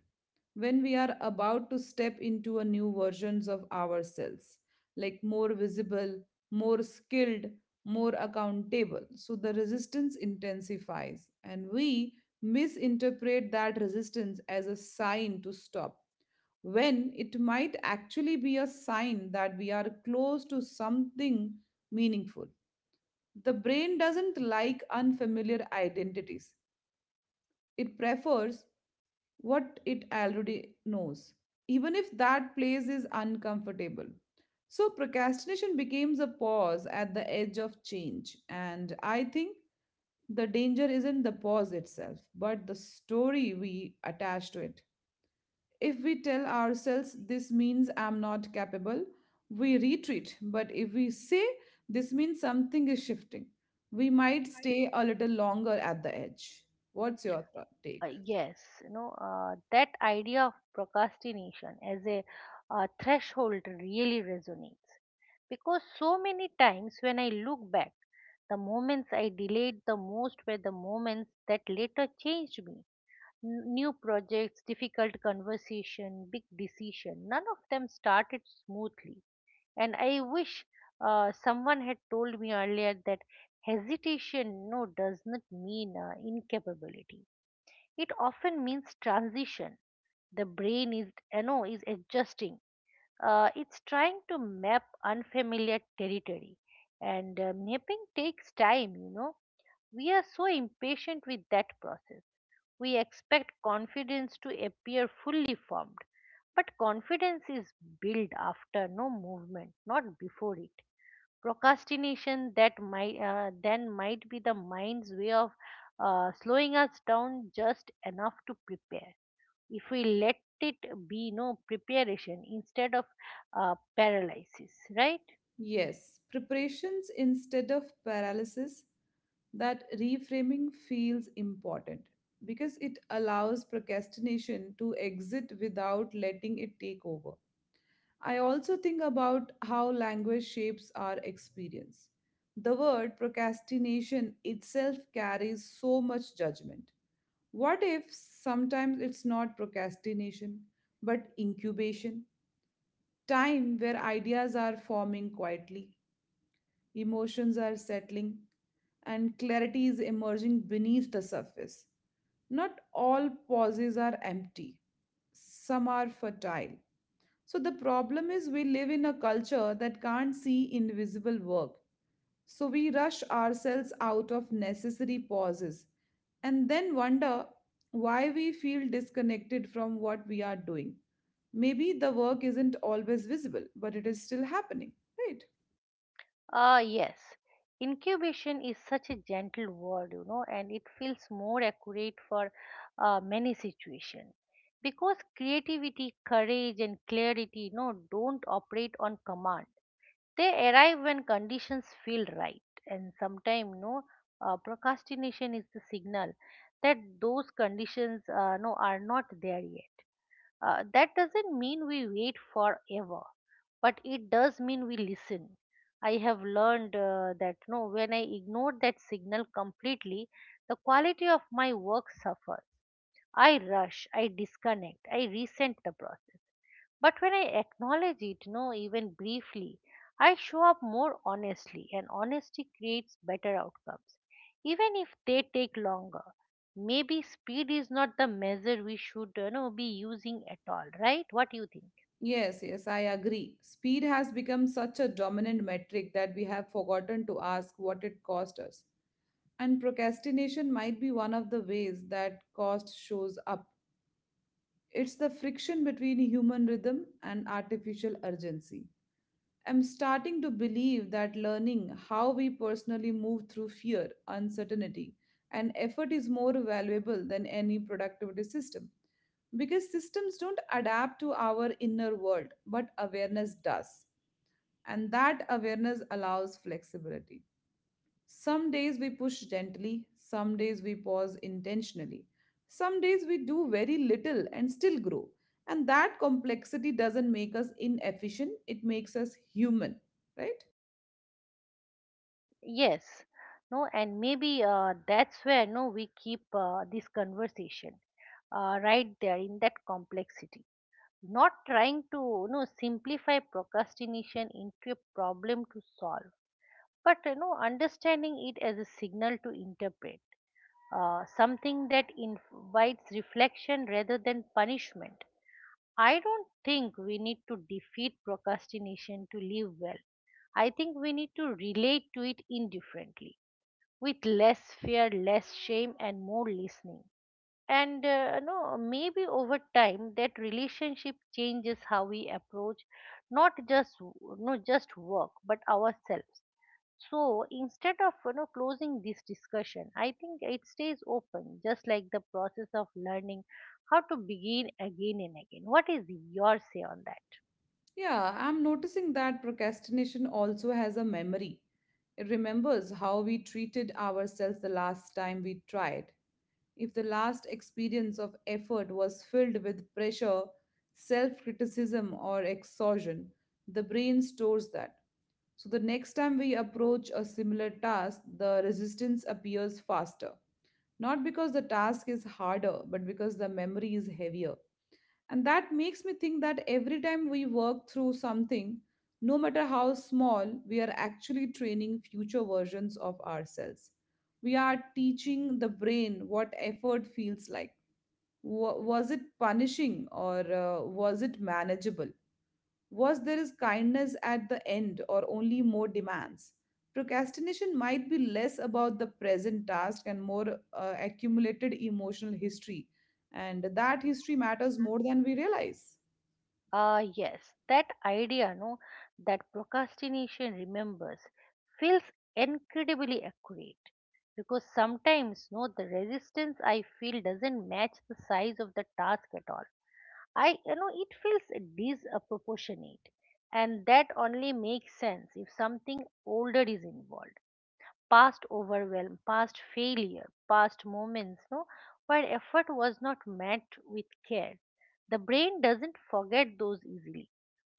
when we are about to step into a new versions of ourselves, like more visible, more skilled, more accountable, so the resistance intensifies and we misinterpret that resistance as a sign to stop when it might actually be a sign that we are close to something meaningful. The brain doesn't like unfamiliar identities, it prefers what it already knows, even if that place is uncomfortable. So, procrastination becomes a pause at the edge of change. And I think the danger isn't the pause itself, but the story we attach to it. If we tell ourselves this means I'm not capable, we retreat. But if we say this means something is shifting, we might stay a little longer at the edge. What's your take?
Yes, that idea of procrastination as a threshold really resonates, because so many times when I look back, the moments I delayed the most were the moments that later changed me. New projects, difficult conversation, big decision, none of them started smoothly, and I wish someone had told me earlier that hesitation no does not mean incapability. It often means transition. The brain is adjusting. It's trying to map unfamiliar territory, and mapping takes time. We are so impatient with that process. We expect confidence to appear fully formed, but confidence is built after no movement, not before it. Procrastination, that might be the mind's way of slowing us down just enough to prepare, if we let it be no preparation instead of paralysis, right?
Yes, preparations instead of paralysis, that reframing feels important because it allows procrastination to exit without letting it take over. I also think about how language shapes our experience. The word procrastination itself carries so much judgment. What if sometimes it's not procrastination, but incubation? Time where ideas are forming quietly, emotions are settling, and clarity is emerging beneath the surface. Not all pauses are empty, some are fertile. So, the problem is we live in a culture that can't see invisible work. So, we rush ourselves out of necessary pauses and then wonder why we feel disconnected from what we are doing. Maybe the work isn't always visible, but it is still happening, right?
Ah, yes, incubation is such a gentle word and it feels more accurate for many situations, because creativity, courage, and clarity don't operate on command. They arrive when conditions feel right, and sometimes no procrastination is the signal that those conditions no are not there yet. That doesn't mean we wait forever, but it does mean we listen. I have learned that no when I ignore that signal completely, the quality of my work suffers. I rush, I disconnect, I resent the process. But when I acknowledge it, no, even briefly, I show up more honestly, and honesty creates better outcomes, even if they take longer. Maybe speed is not the measure we should be using at all, right? What do you think?
Yes, yes, I agree. Speed has become such a dominant metric that we have forgotten to ask what it cost us. And procrastination might be one of the ways that cost shows up. It's the friction between human rhythm and artificial urgency. I'm starting to believe that learning how we personally move through fear, uncertainty, and effort is more valuable than any productivity system. Because systems don't adapt to our inner world, but awareness does, and that awareness allows flexibility. Some days we push gently, some days we pause intentionally, some days we do very little and still grow. And that complexity doesn't make us inefficient, it makes us human, right?
Yes, no, and maybe that's where no we keep this conversation right there in that complexity. Not trying to simplify procrastination into a problem to solve, but understanding it as a signal to interpret, something that invites reflection rather than punishment. I don't think we need to defeat procrastination to live well. I think we need to relate to it indifferently, with less fear, less shame, and more listening. And no, maybe over time that relationship changes how we approach, not just no just work but ourselves. So instead of closing this discussion, I think it stays open, just like the process of learning how to begin again and again. What is your say on that?
Yeah, I'm noticing that procrastination also has a memory. It remembers how we treated ourselves the last time we tried. If the last experience of effort was filled with pressure, self criticism, or exhaustion, the brain stores that. So the next time we approach a similar task, the resistance appears faster. Not because the task is harder, but because the memory is heavier. And that makes me think that every time we work through something, no matter how small, we are actually training future versions of ourselves. We are teaching the brain what effort feels like. Was it punishing or was it manageable? Was there is kindness at the end or only more demands? Procrastination might be less about the present task and more accumulated emotional history, and that history matters more than we realize.
Yes, that idea, no, that procrastination remembers, feels incredibly accurate, because sometimes, no, the resistance I feel doesn't match the size of the task at all. I you know It feels disproportionate, and that only makes sense if something older is involved: past overwhelm, past failure, past moments no, where effort was not met with care. The brain doesn't forget those easily.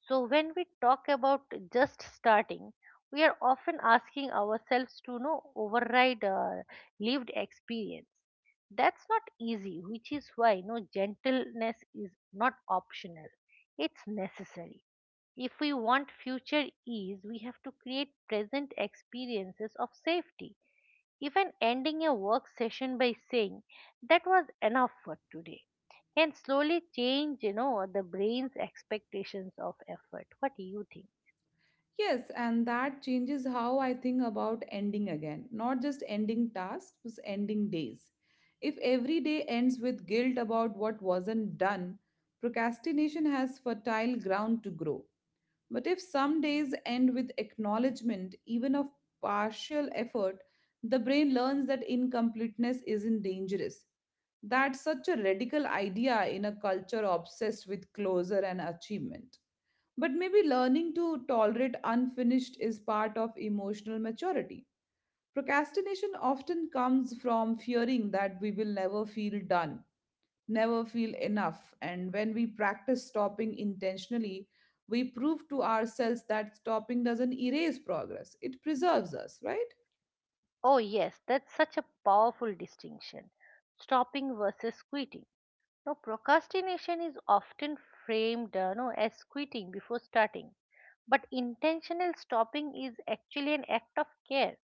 So, when we talk about just starting, we are often asking ourselves to no, override lived experience. That's not easy, which is why no gentleness is not optional, it's necessary. If we want future ease, we have to create present experiences of safety. Even ending a work session by saying that was enough for today can slowly change, you know, the brain's expectations of effort. What do you think?
Yes, and that changes how I think about ending again, not just ending tasks, but ending days. If every day ends with guilt about what wasn't done, procrastination has fertile ground to grow. But if some days end with acknowledgement, even of partial effort, the brain learns that incompleteness isn't dangerous. That's such a radical idea in a culture obsessed with closure and achievement. But maybe learning to tolerate unfinished is part of emotional maturity. Procrastination often comes from fearing that we will never feel done, never feel enough. And when we practice stopping intentionally, we prove to ourselves that stopping doesn't erase progress, it preserves us, right?
Oh, yes, that's such a powerful distinction. Stopping versus quitting. Now, procrastination is often framed no, as quitting before starting, but intentional stopping is actually an act of care.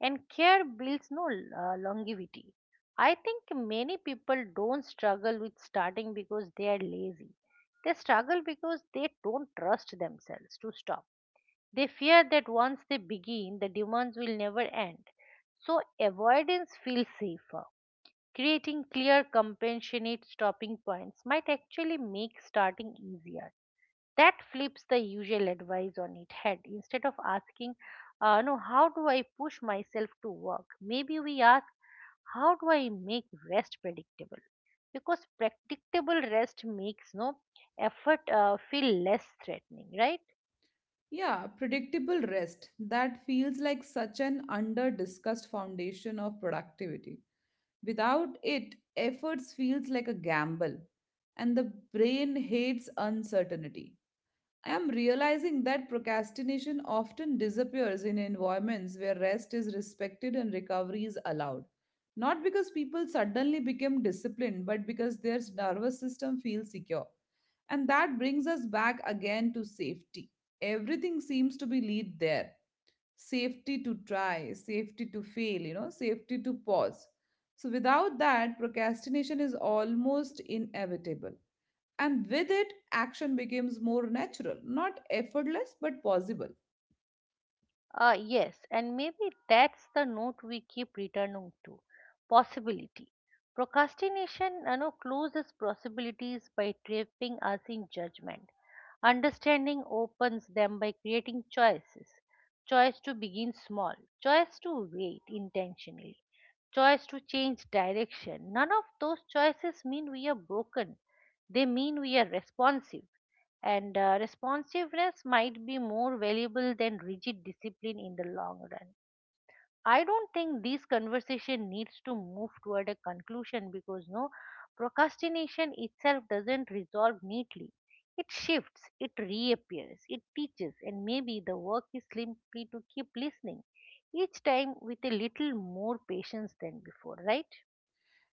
And care builds no longevity. I think many people don't struggle with starting because they are lazy. They struggle because they don't trust themselves to stop. They fear that once they begin, the demands will never end. So avoidance feels safer. Creating clear, compassionate stopping points might actually make starting easier. That flips the usual advice on its head. Instead of asking no, how do I push myself to work, maybe we ask, how do I make rest predictable? Because predictable rest makes no effort feel less threatening, right?
Yeah, predictable rest. That feels like such an under discussed foundation of productivity. Without it, efforts feels like a gamble, and the brain hates uncertainty. I am realizing that procrastination often disappears in environments where rest is respected and recovery is allowed. Not because people suddenly become disciplined, but because their nervous system feels secure. And that brings us back again to safety. Everything seems to be lead there, safety to try, safety to fail, you know, safety to pause. So without that, procrastination is almost inevitable. And with it, action becomes more natural, not effortless, but possible.
Yes, and maybe that's the note we keep returning to, possibility. Procrastination closes possibilities by trapping us in judgment. Understanding opens them by creating choices. Choice to begin small, choice to wait intentionally, choice to change direction. None of those choices mean we are broken, they mean we are responsive, and responsiveness might be more valuable than rigid discipline in the long run. I don't think this conversation needs to move toward a conclusion, because no procrastination itself doesn't resolve neatly. It shifts, it reappears, it teaches, and maybe the work is simply to keep listening, each time with a little more patience than before, right?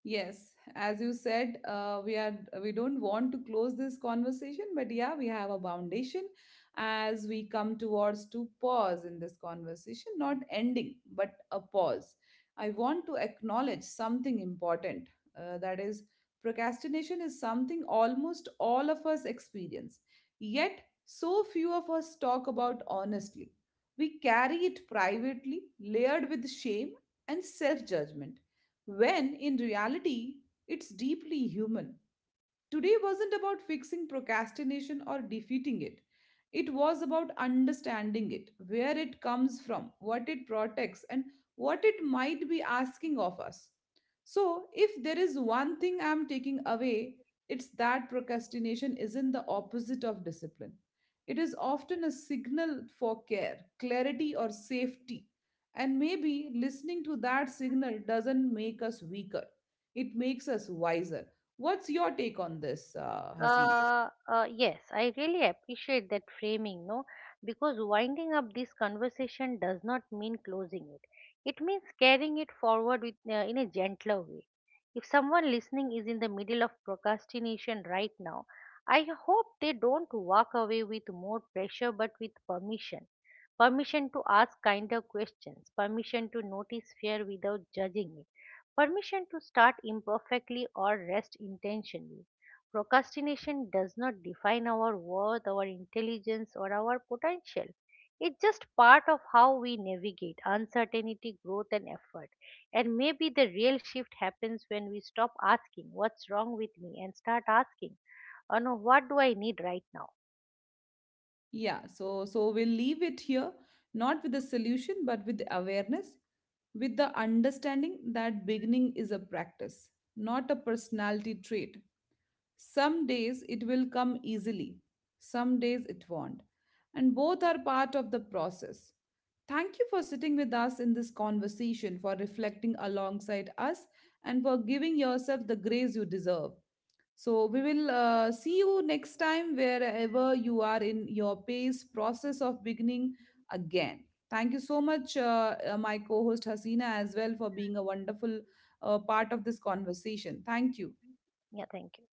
Yes, as you said, we are, we don't want to close this conversation, but yeah, we have a foundation as we come towards to pause in this conversation, not ending, but a pause. I want to acknowledge something important. That is, procrastination is something almost all of us experience. Yet, so few of us talk about honestly. We carry it privately, layered with shame and self judgment when in reality it's deeply human. Today wasn't about fixing procrastination or defeating it. It was about understanding it, where it comes from, what it protects, and what it might be asking of us. So, if there is one thing I'm taking away, it's that procrastination isn't the opposite of discipline. It is often a signal for care, clarity, or safety. And maybe listening to that signal doesn't make us weaker, it makes us wiser. What's your take on this, Haseen?
Yes, I really appreciate that framing, no, because winding up this conversation does not mean closing it. It means carrying it forward in a gentler way. If someone listening is in the middle of procrastination right now, I hope they don't walk away with more pressure but with permission. Permission to ask kinder questions, permission to notice fear without judging it, permission to start imperfectly or rest intentionally. Procrastination does not define our worth, our intelligence, or our potential. It's just part of how we navigate uncertainty, growth, and effort. And maybe the real shift happens when we stop asking, "What's wrong with me?" and start asking, "Oh no, what do I need right now?"
Yeah, so we'll leave it here, not with a solution, but with awareness, with the understanding that beginning is a practice, not a personality trait. Some days it will come easily, some days it won't, and both are part of the process. Thank you for sitting with us in this conversation, for reflecting alongside us, and for giving yourself the grace you deserve. So we will see you next time wherever you are in your pace process of beginning again. Thank you so much, my co host Hasina, as well, for being a wonderful part of this conversation. Thank you.
Yeah, thank you.